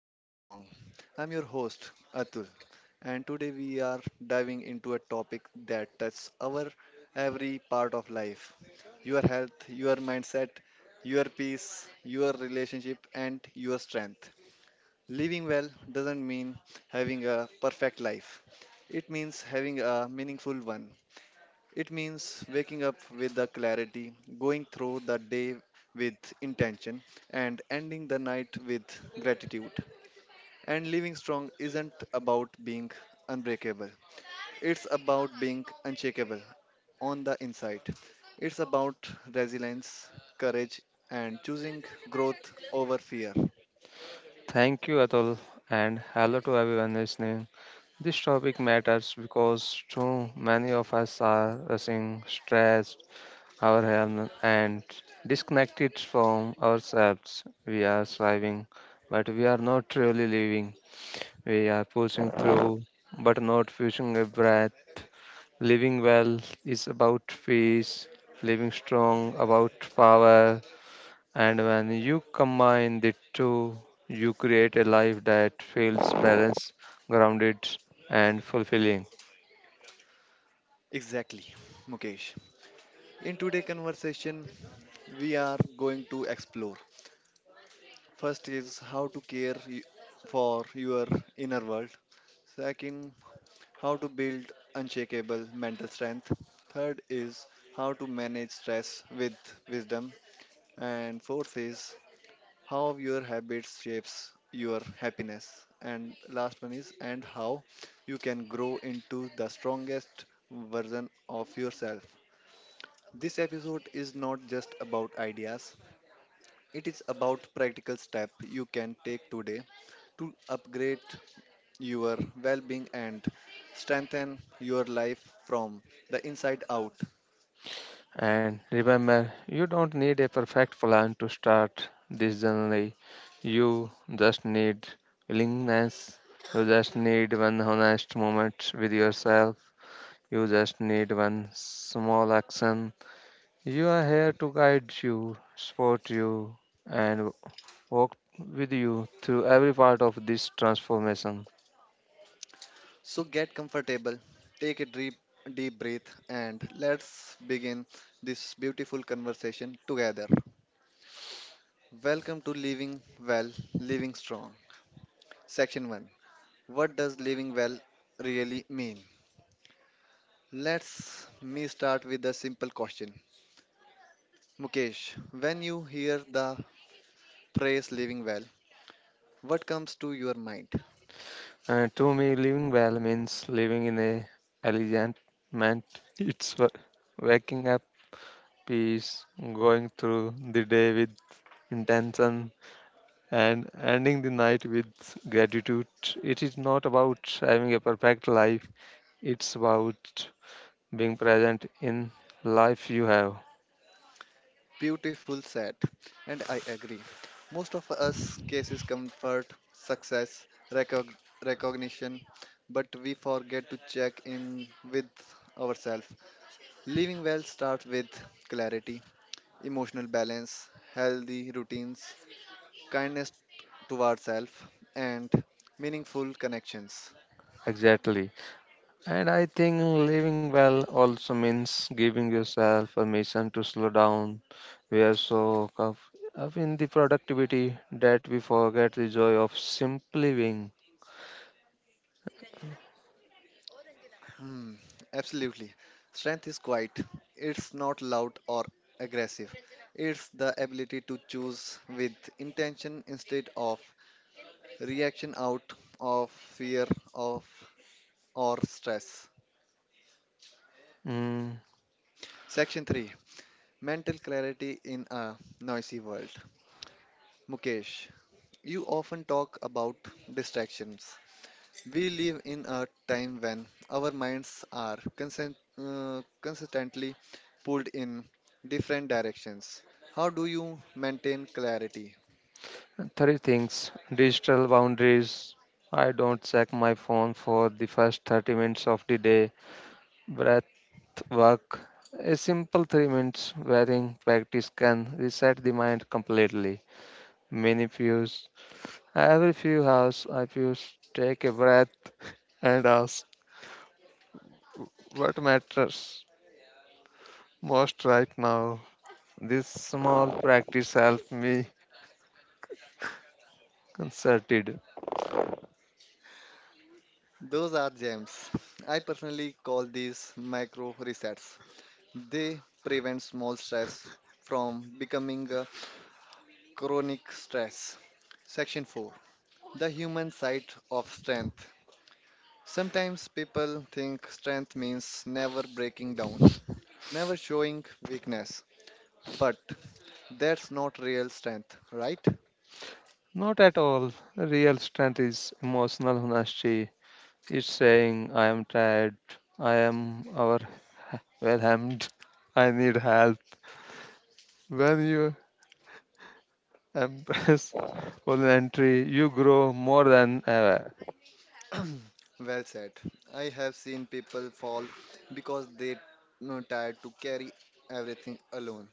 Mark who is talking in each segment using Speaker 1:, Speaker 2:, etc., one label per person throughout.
Speaker 1: Living Strong. I'm your host, Atul, and today we are diving into a topic that touches our every part of life: your health, your mindset, your peace, your relationship, and your strength. Living well doesn't mean having a perfect life, it means having a meaningful one. It means waking up with the clarity, going through the day with intention, and ending the night with gratitude. And living strong isn't about being unbreakable, it's about being unshakable on the inside. It's about resilience, courage, and choosing growth over fear.
Speaker 2: Thank you, Atul, and hello to everyone listening. This topic matters because too many of us are rushing, stressed, overwhelmed, and disconnected from ourselves. We are striving, but we are not truly living. We are pushing through, but not pushing a breath. Living well is about peace, living strong about power, and when you combine the two, you create a life that feels balanced, grounded, and fulfilling.
Speaker 1: Exactly, Mukesh. In today's conversation, we are going to explore. First is how to care for your inner world. Second, how to build unshakable mental strength. Third is how to manage stress with wisdom. And fourth is how your habits shapes your happiness. And last one is and how you can grow into the strongest version of yourself. This episode is not just about ideas. It is about practical steps you can take today to upgrade your well being and strengthen your life from the inside out.
Speaker 2: And remember, you don't need a perfect plan to start this journey. You just need willingness. You just need one honest moment with yourself. You just need one small action. You are here to guide you, support you, and walked with you through every part of this transformation.
Speaker 1: So get comfortable, take a deep, deep breath, and let's begin this beautiful conversation together. Welcome to Living Well, Living Strong. Section 1: What does living well really mean? Let's me start with a simple question. Mukesh, when you hear the praise living well, what comes to your mind?
Speaker 2: And to me, living well means living in a elegant meant it's wa- waking up peace, going through the day with intention, and ending the night with gratitude. It is not about having a perfect life, it's about being present in life you have.
Speaker 1: Beautiful sad, and I agree. Most of us cases comfort, success, recog- recognition, but we forget to check in with ourselves. Living well starts with clarity, emotional balance, healthy routines, kindness toward self, and meaningful connections.
Speaker 2: Exactly. And I think living well also means giving yourself permission to slow down. We are so caught up in the productivity that we forget the joy of simply living.
Speaker 1: Hmm, absolutely. Strength is quiet. It's not loud or aggressive. It's the ability to choose with intention instead of reaction out of fear of or stress.
Speaker 2: Mm.
Speaker 1: Section 3: Mental clarity in a noisy world. Mukesh, you often talk about distractions. We live in a time when our minds are consistently pulled in different directions. How do you maintain clarity?
Speaker 2: Three things digital boundaries. I don't check my phone for the first 30 minutes of the day. Breath work. A simple 3 minutes breathing practice can reset the mind completely. Many views. Every few hours, I pause, take a breath, and ask, what matters most right now? This small practice helped me concerted.
Speaker 1: Those are gems. I personally call these micro resets. They prevent small stress from becoming a chronic stress. Section 4: The human side of strength. Sometimes people think strength means never breaking down, never showing weakness. But that's not real strength, right?
Speaker 2: Not at all. Real strength is emotional honesty. It's saying, I am tired, I am overwhelmed, I need help. When you embrace voluntary, you grow more than ever.
Speaker 1: Well said. I have seen people fall because they are tired to carry everything alone.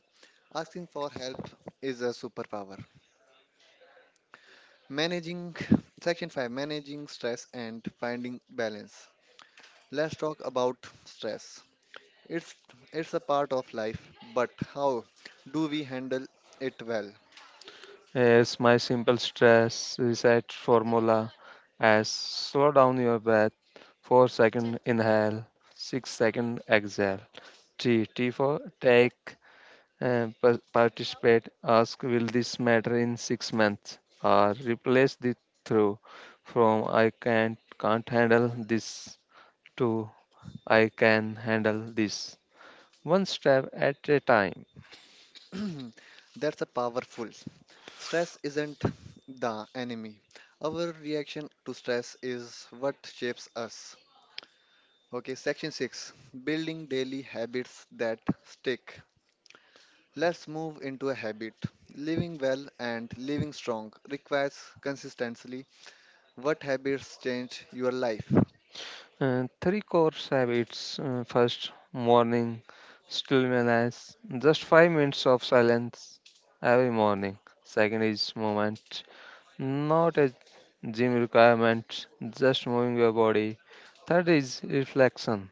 Speaker 1: Asking for help is a superpower. Managing Section 5: Managing stress and finding balance. Let's talk about stress. It's it's a part of life, but how do we handle it well?
Speaker 2: Yes, my simple stress reset formula as slow down your breath, 4-second inhale, 6-second exhale. T for take, participate, ask will this matter in 6 months or replace the through from I can't handle this to I can handle this. One step at a time.
Speaker 1: That's a powerful. Stress isn't the enemy. Our reaction to stress is what shapes us. Okay, Section 6: Building daily habits that stick. Let's move into a habit. Living well and living strong requires consistency. What habits change your life?
Speaker 2: Three core habits. First, morning stillness, just 5 minutes of silence every morning. Second is movement, not a gym requirement, just moving your body. Third is reflection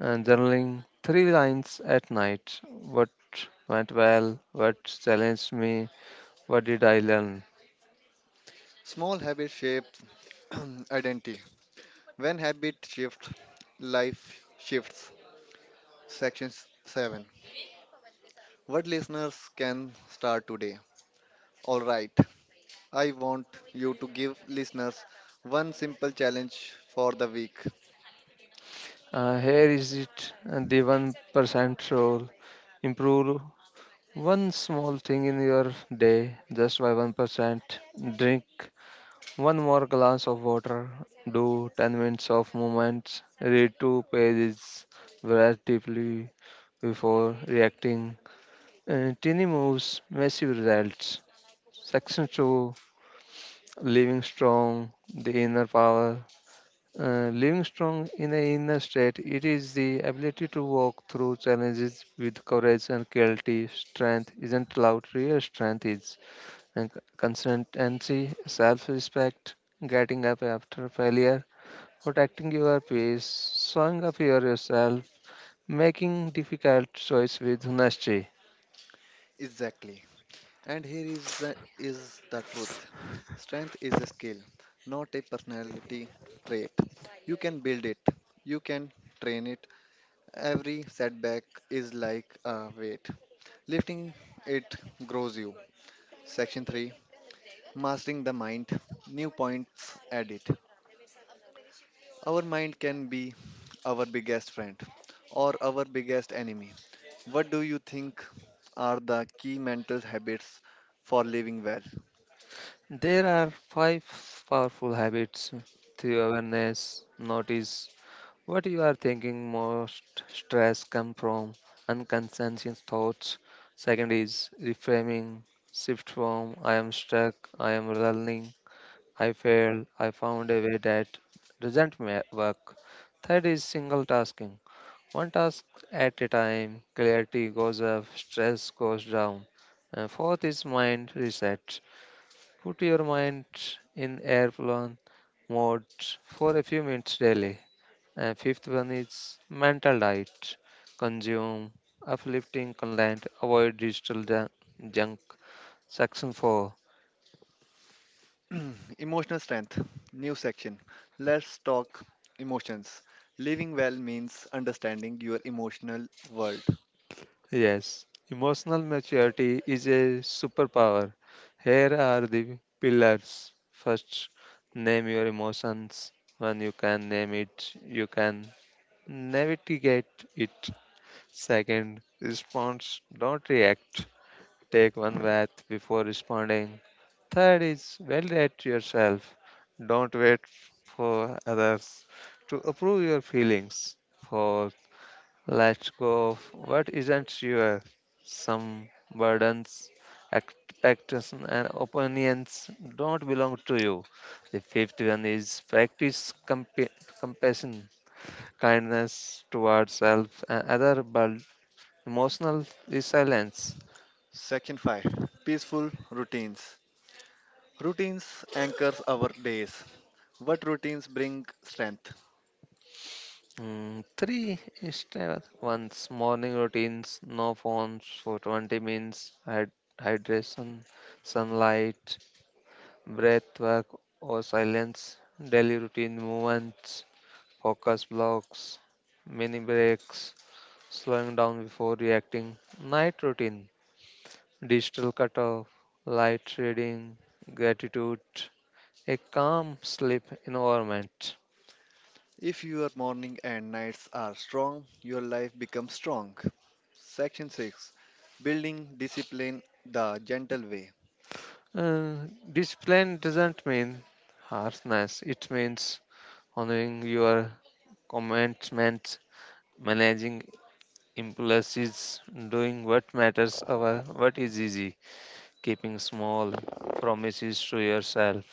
Speaker 2: and journaling three lines at night. What went well? What challenged me? What did I learn?
Speaker 1: Small habits shape identity. When habit shift, life shifts. Section 7: What listeners can start today? All right, I want you to give listeners one simple challenge for the week.
Speaker 2: Here is it, the 1% rule improve one small thing in your day, just by 1%. Drink one more glass of water. Do 10 minutes of movements. Read two pages. Breathe deeply before reacting. Teeny moves, massive results. Section 2. Living strong, the inner power. Living strong in the inner state, it is the ability to walk through challenges with courage and clarity. Strength isn't loud, real strength is and consistency, self-respect, getting up after failure, protecting your peace, showing up for yourself, making difficult choice with honesty.
Speaker 1: Exactly. And here is the truth. Strength is a skill, not a personality trait. You can build it. You can train it. Every setback is like a weight. Lifting it grows you. Section 3: Mastering the Mind. New points added. Our mind can be our biggest friend or our biggest enemy. What do you think are the key mental habits for living well?
Speaker 2: There are five powerful habits through awareness, notice what you are thinking most stress come from unconscious thoughts. Second is reframing, shift from I am stuck, I am learning I failed. I found a way that doesn't work. Third is single tasking. One task at a time, clarity goes up, stress goes down. And fourth is mind reset. Put your mind in airplane mode for a few minutes daily. And fifth one is mental diet. Consume uplifting content, avoid digital junk. Section 4.
Speaker 1: Emotional strength, new section. Let's talk emotions. Living well means understanding your emotional world.
Speaker 2: Yes, emotional maturity is a superpower. Here are the pillars. First, name your emotions. When you can name it, you can navigate it. Second, response, don't react. Take one bath before responding. Third is validate yourself. Don't wait for others to approve your feelings. For let's go of what isn't your some burdens, expectations, and opinions don't belong to you. The fifth one is practice compassion, kindness towards self and other, but emotional resilience.
Speaker 1: Section 5: Peaceful routines. Routines anchors our days. What routines bring strength?
Speaker 2: Three is the one's morning routines, no phones for 20 minutes, hydration, sunlight, breath work or silence, daily routine movements, focus blocks, mini breaks, slowing down before reacting, night routine, digital cutoff, light reading, gratitude, a calm sleep environment.
Speaker 1: If your morning and nights are strong, your life becomes strong. Section 6: Building Discipline the Gentle Way.
Speaker 2: Uh, discipline doesn't mean harshness, it means honoring your commitments, managing impulses, doing what matters over what is easy. Keeping small promises to yourself.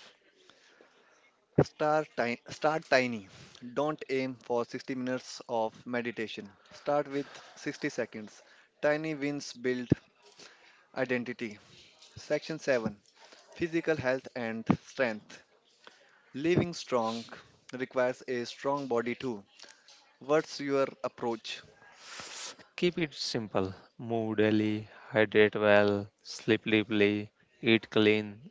Speaker 1: Start tiny. Don't aim for 60 minutes of meditation. Start with 60 seconds. Tiny wins build identity. Section 7: Physical Health and Strength. Living strong requires a strong body too. What's your approach?
Speaker 2: Keep it simple. Move daily, hydrate well, sleep deeply, eat clean,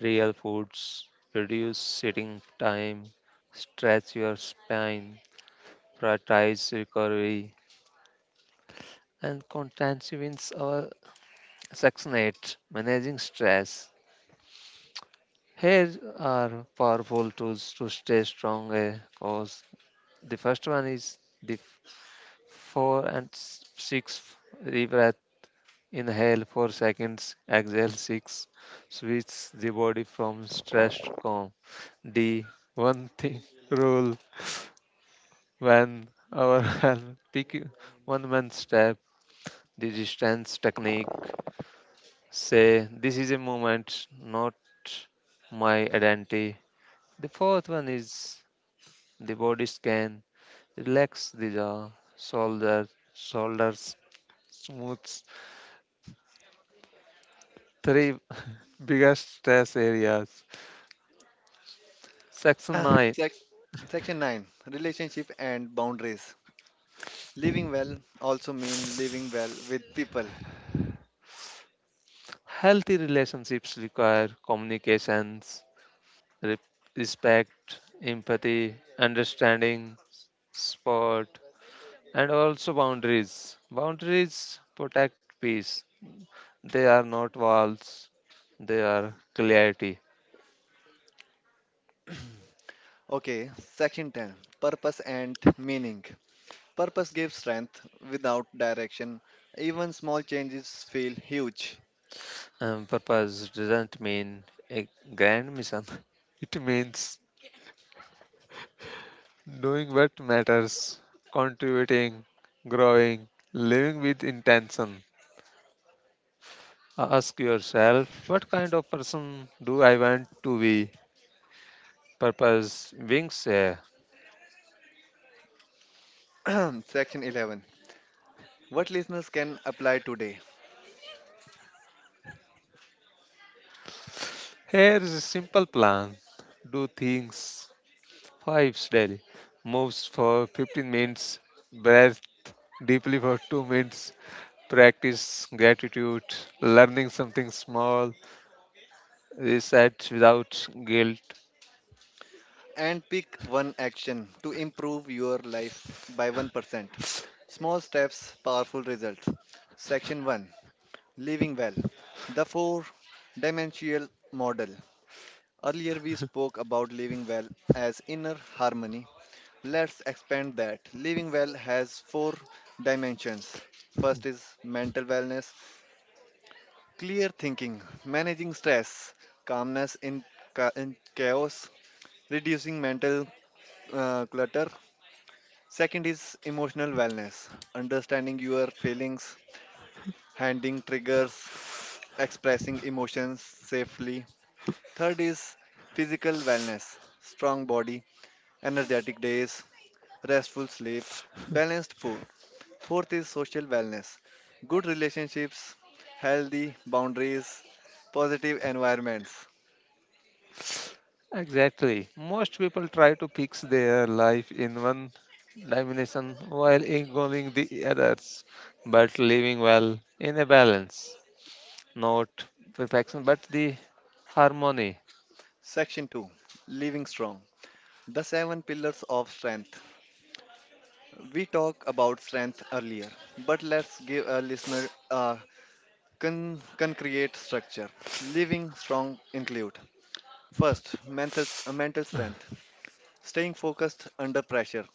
Speaker 2: real foods, reduce sitting time, stretch your spine, prioritize recovery, and contraventions our section 8 managing stress. Here are powerful tools to stay strong. Cause the first one is def- 4 and 6 deep breath inhale 4 seconds exhale 6 switch the body from stress to calm d one thing rule when our hand pick one man step the distance technique say this is a moment not my identity the fourth one is the body scan relax the jaw shoulder shoulders smooths three biggest stress areas. Section
Speaker 1: Ah,
Speaker 2: 9.
Speaker 1: sec- Section 9: Relationship and Boundaries. Living well also mean living well with people.
Speaker 2: Healthy relationships require communications, re- respect, empathy, understanding, support, and also boundaries. Boundaries protect peace, they are not walls, they are clarity.
Speaker 1: Okay, Section 10: Purpose and Meaning. Purpose gives strength without direction. Even small changes feel huge.
Speaker 2: And purpose doesn't mean a grand mission, it means doing what matters, contributing, growing, living with intention. Ask yourself, what kind of person do I want to be? Purpose wings here.
Speaker 1: Section 11: What listeners can apply today?
Speaker 2: Here is a simple plan. Do things five daily. Moves for 15 minutes. Breath deeply for 2 minutes. Practice gratitude. Learning something small. Reset without guilt.
Speaker 1: And pick one action to improve your life by 1%. Small steps, powerful results. Section 1: Living well, the four dimensional model. Earlier, we spoke about living well as inner harmony. Let's expand that. Living well has four dimensions. First is mental wellness, clear thinking, managing stress, calmness in, in chaos, reducing mental clutter. Second is emotional wellness, understanding your feelings, handling triggers, expressing emotions safely. Third is physical wellness, strong body, energetic days, restful sleep, balanced food. Fourth is social wellness, good relationships, healthy boundaries, positive environments.
Speaker 2: Exactly. Most people try to fix their life in one dimension while ignoring the others, but living well in a balance, not perfection, but the harmony.
Speaker 1: Section 2: Living Strong, the seven pillars of strength. We talked about strength earlier, but let's give a listener a concrete structure. Living strong include: first, mental strength, staying focused under pressure.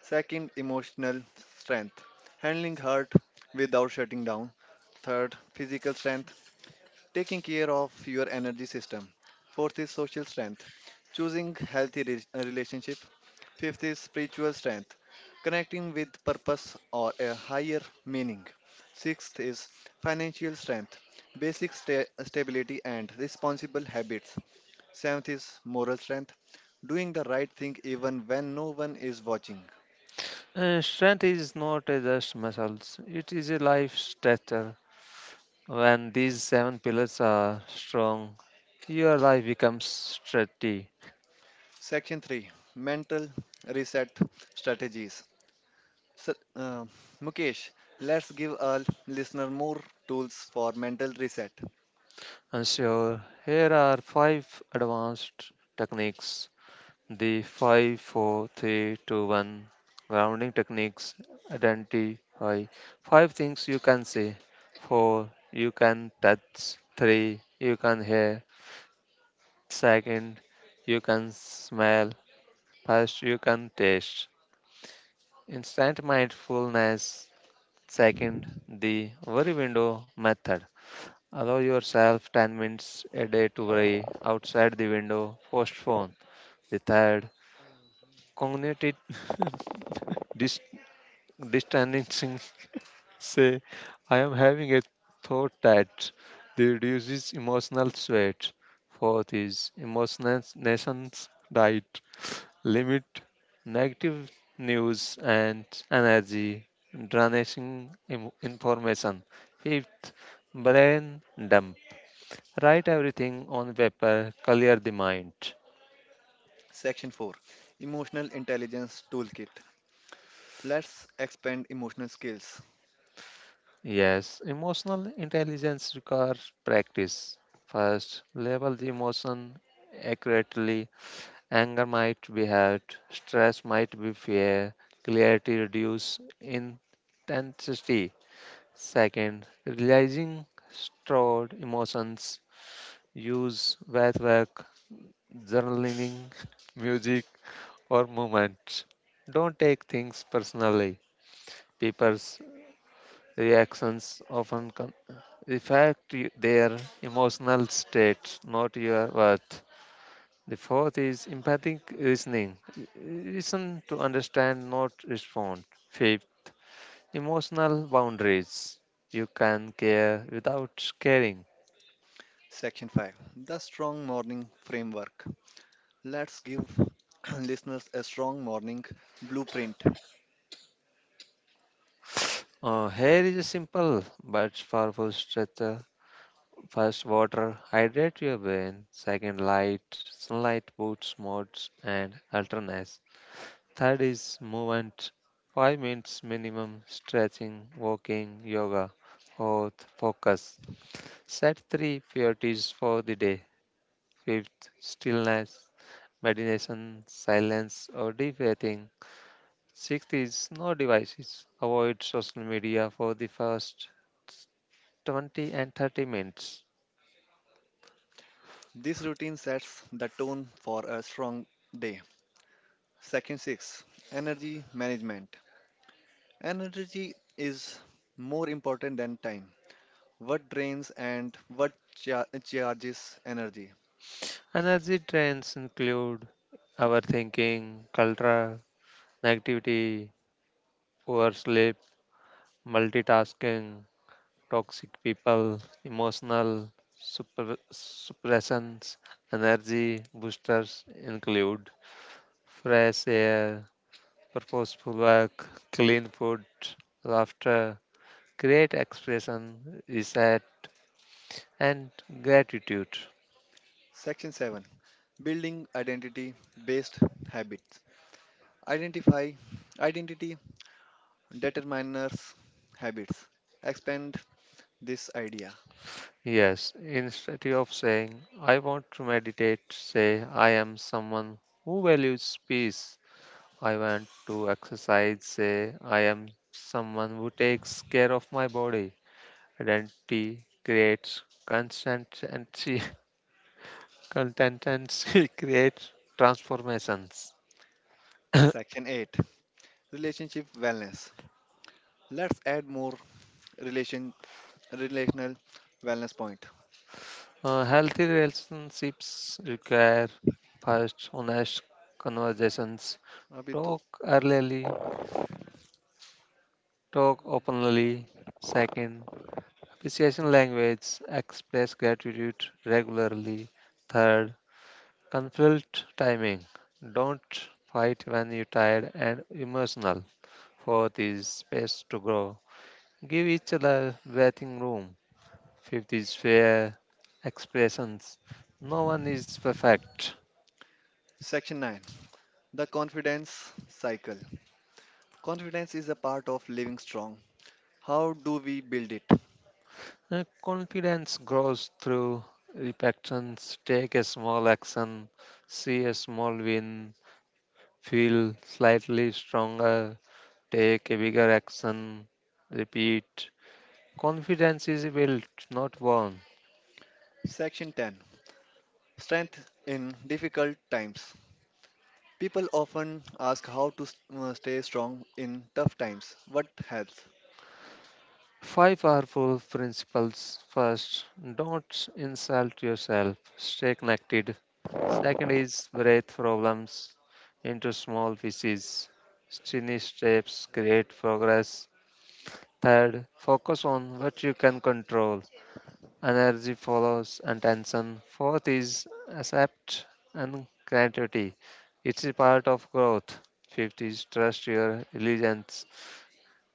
Speaker 1: Second, emotional strength, handling hurt without shutting down. Third, physical strength, taking care of your energy system. Fourth is social strength, choosing healthy relationship. Fifth is spiritual strength, connecting with purpose or a higher meaning. Sixth is financial strength, basic stability and responsible habits. Seventh is moral strength, doing the right thing even when no one is watching.
Speaker 2: Strength is not a just muscles; it is a life structure. When these seven pillars are strong, your life becomes sturdy.
Speaker 1: Section 3: Mental Reset Strategies. So, uh, Mukesh, let's give our listener more tools for mental reset.
Speaker 2: And so, here are five advanced techniques. The five, four, three, two, one grounding techniques identify five things you can see, four you can touch, three you can hear, second you can smell, first you can taste. Instant mindfulness, second the worry window method. Allow yourself 10 minutes a day to worry outside the window, postpone. The third, cognitive dis- distancing say I am having a thought that reduces emotional sweat. Fourth is emotional nations diet limit negative news and energy drainage information fifth brain dump write everything on paper clear the mind.
Speaker 1: Section 4: Emotional Intelligence Toolkit. Let's expand emotional skills.
Speaker 2: Yes, emotional intelligence requires practice. First, label the emotion accurately. Anger might be hurt, stress might be fear, clarity reduce intensity. Second, realizing stored emotions, use breath work, journaling, music, or movement. Don't take things personally. People's reactions often reflect their emotional states, not your worth. The fourth is empathic listening. Listen to understand, not respond. Fifth, emotional boundaries. You can care without caring.
Speaker 1: Section 5: The Strong Morning Framework. Let's give listeners a strong morning blueprint.
Speaker 2: Here is a simple but powerful structure. First, water, hydrate your brain. Second, light, sunlight, boots, modes, and alternates. Third is movement, 5 minutes minimum, stretching, walking, yoga. Fourth, focus. Set three priorities for the day. Fifth, stillness, meditation, silence, or deep breathing. Sixth is no devices. Avoid social media for the first 20 and 30 minutes.
Speaker 1: This routine sets the tone for a strong day. Section 6: Energy Management. Energy is more important than time. What drains and what charges energy?
Speaker 2: Energy drains include overthinking, cultural negativity, poor sleep, multitasking, toxic people, emotional super, suppressants, energy boosters include fresh air, purposeful work, clean food, laughter, great expression, reset, and gratitude.
Speaker 1: Section 7: Building Identity Based Habits. Identify identity determiners habits. Expand this idea.
Speaker 2: Yes, instead of saying, I want to meditate, say, I am someone who values peace. I want to exercise, say, I am someone who takes care of my body. Identity creates consistency, consistency creates transformations.
Speaker 1: Section 8: Relationship Wellness. Let's add more relation relational wellness point.
Speaker 2: Healthy relationships require first honest conversations.
Speaker 1: अभी तो-
Speaker 2: Talk early, talk openly. Second, appreciation language, express gratitude regularly. Third, conflict timing. Don't fight when you're tired and emotional. Fourth is space to grow. Give each other breathing room. Fifth is fair expressions. No one is perfect.
Speaker 1: Section 9: The Confidence Cycle. Confidence is a part of living strong. How do we build it?
Speaker 2: Confidence grows through repentance. Take a small action, see a small win, feel slightly stronger, take a bigger action, repeat. Confidence is built, not born.
Speaker 1: Section 10: Strength in difficult times. People often ask how to stay strong in tough times. What helps?
Speaker 2: Five powerful principles. First, don't insult yourself. Stay connected. Second is break problems into small pieces. Tiny steps create progress. Third, focus on what you can control. Energy follows attention. Fourth is accept and gratitude. It's a part of growth. Fifth is trust your intelligence.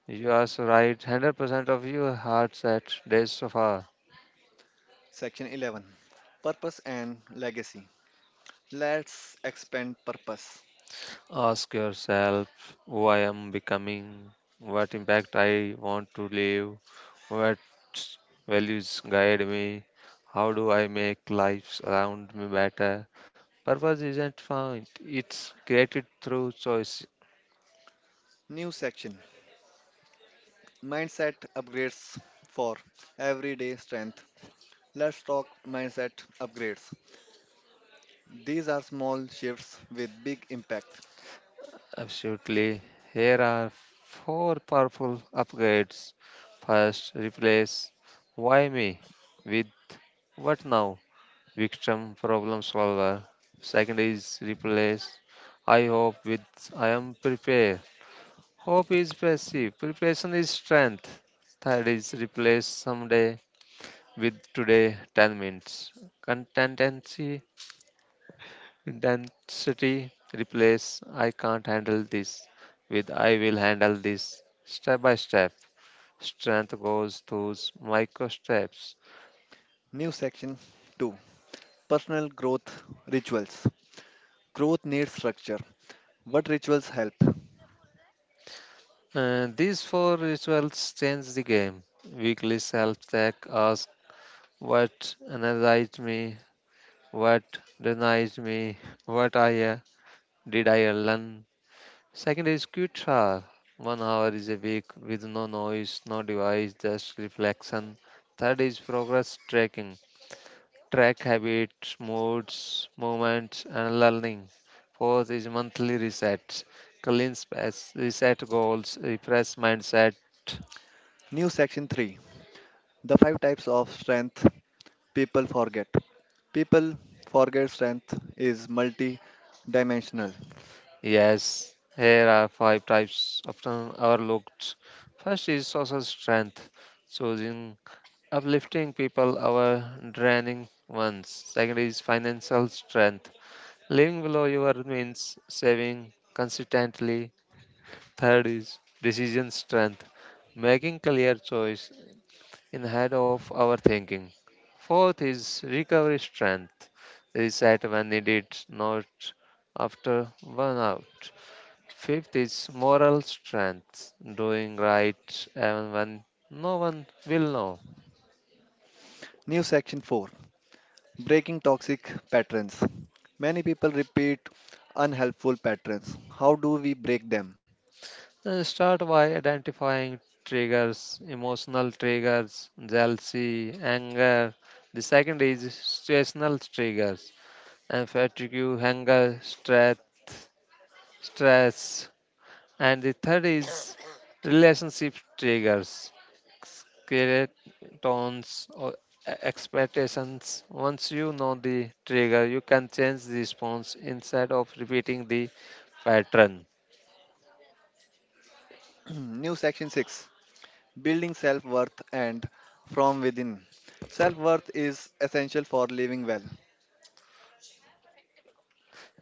Speaker 2: You are so right. 100% of your heart's at days so far.
Speaker 1: Section 11: Purpose and Legacy. Let's expand purpose.
Speaker 2: Ask yourself who I am becoming, what impact I want to leave, what values guide me, how do I make lives around me better. Purpose isn't found, it's created through choice.
Speaker 1: New section: Mindset upgrades for everyday strength. Let's talk mindset upgrades. These are small shifts with big impact.
Speaker 2: Absolutely. Here are four powerful upgrades. First, replace why me with what now victim problem solver. Second is replace I hope with I am prepared. Hope is passive, preparation is strength. Third is replace someday with today 10 minutes. Contentancy, intensity, replace I can't handle this with I will handle this step by step. Strength goes through micro steps.
Speaker 1: New section 2: Personal growth rituals. Growth needs structure. What rituals help?
Speaker 2: These four rituals change the game. Weekly self check asks what energized me, what denied me, what I did I learn. Second is quiet hour. 1 hour is a week with no noise, no device, just reflection. Third is progress tracking. Track habits, moods, movements, and learning. Fourth is monthly reset. Clean space, reset goals, refresh mindset.
Speaker 1: New section 3: The five types of strength people forget. People forget strength is multi dimensional.
Speaker 2: Yes, here are five types often overlooked. First is social strength, choosing uplifting people over draining ones. Second is financial strength, living below your means, saving consistently. Third is decision strength, making clear choice in head of our thinking. Fourth is recovery strength, reset when needed, not after burnout. Fifth is moral strength, doing right even when no one will know.
Speaker 1: New section 4: Breaking toxic patterns. Many people repeat unhelpful patterns. How do we break them?
Speaker 2: Start by identifying triggers, emotional triggers, jealousy, anger. The second is situational triggers, and fatigue, hunger, stress. And the third is relationship triggers, tones or expectations once you know the trigger you can change the response instead of repeating the pattern.
Speaker 1: New section 6: Building self worth and from within. Self worth is essential for living well.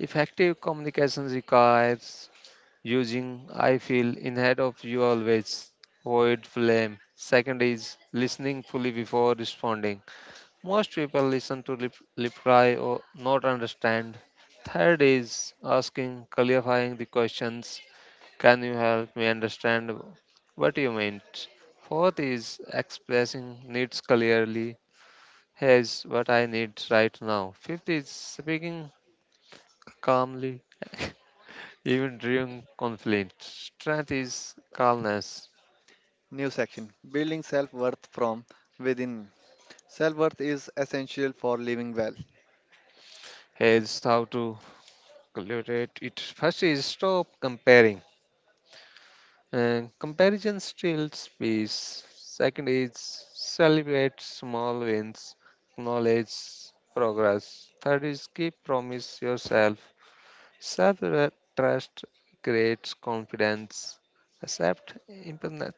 Speaker 2: Effective communication requires using I feel instead of you always avoid blame second is listening fully before responding most people listen to lip, reply or not understand third is asking clarifying the questions. Can you help me understand what you meant? Fourth is expressing needs clearly. Here's what I need right now. Fifth is speaking calmly, even during conflict. Strength is calmness.
Speaker 1: New section: Building self worth from within. Self worth is essential for living well.
Speaker 2: Here's how to cultivate it. First is stop comparing. And comparison steals space. Second is celebrate small wins, acknowledge progress. Third is keep promise yourself. Self trust creates confidence. Accept imperfect.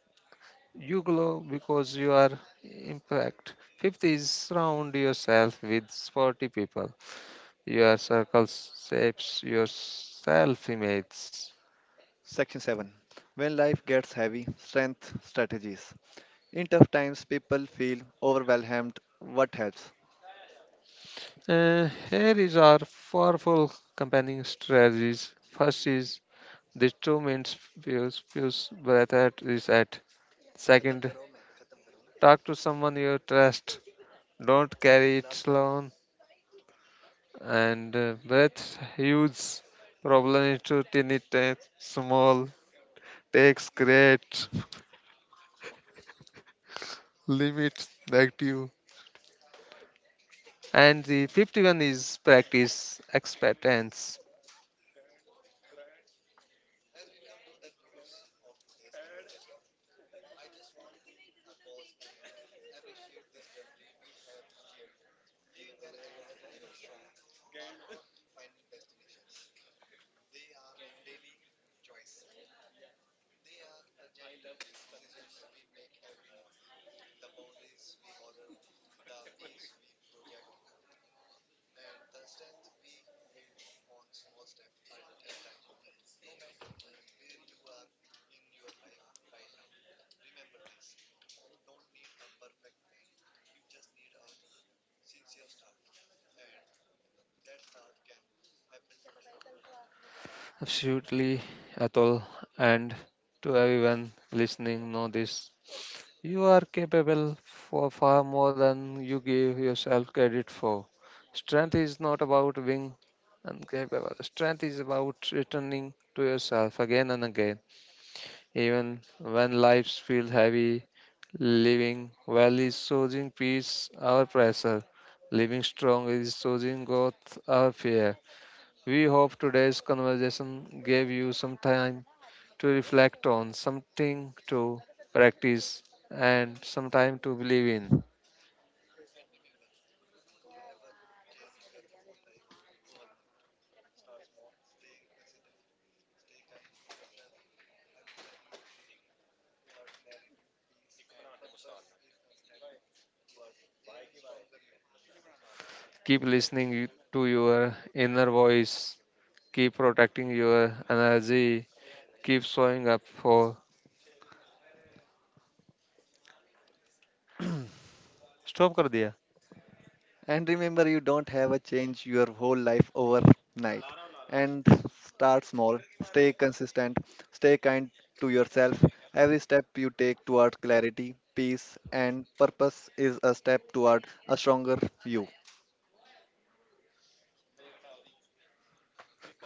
Speaker 2: You glow because you are imperfect. Fifth is surround yourself with sporty people. Your circles shapes your self image.
Speaker 1: Section 7: When life gets heavy, strength strategies. In tough times, people feel overwhelmed. What helps?
Speaker 2: Here is our powerful companion strategies. First is the two main views breath at is at. Second, talk to someone you trust. Don't carry it alone. And breath huge problem into tiny takes small takes great limit negative. And the 51 is practice expectance. Absolutely, Atul, and to everyone listening, know this. You are capable for far more than you give yourself credit for. Strength is not about being incapable. Strength is about returning to yourself again and again. Even when lives feel heavy, living well is choosing peace, our pressure. Living strong is choosing growth, our fear. We hope today's conversation gave you some time to reflect on, something to practice, and some time to believe in. Keep listening to your inner voice, keep protecting your energy, keep showing up for. Stop कर दिया.
Speaker 1: And remember, you don't have a change your whole life overnight. And start small, stay consistent, stay kind to yourself. Every step you take toward clarity, peace, and purpose is a step toward a stronger you.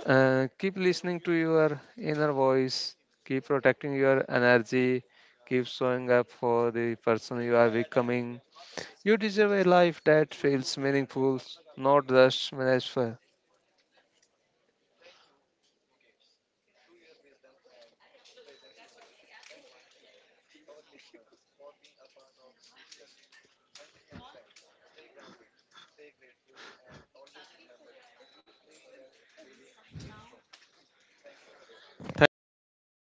Speaker 2: Keep listening to your inner voice, keep protecting your energy, keep showing up for the person you are becoming. You deserve a life that feels meaningful, not just managed for. Thank you so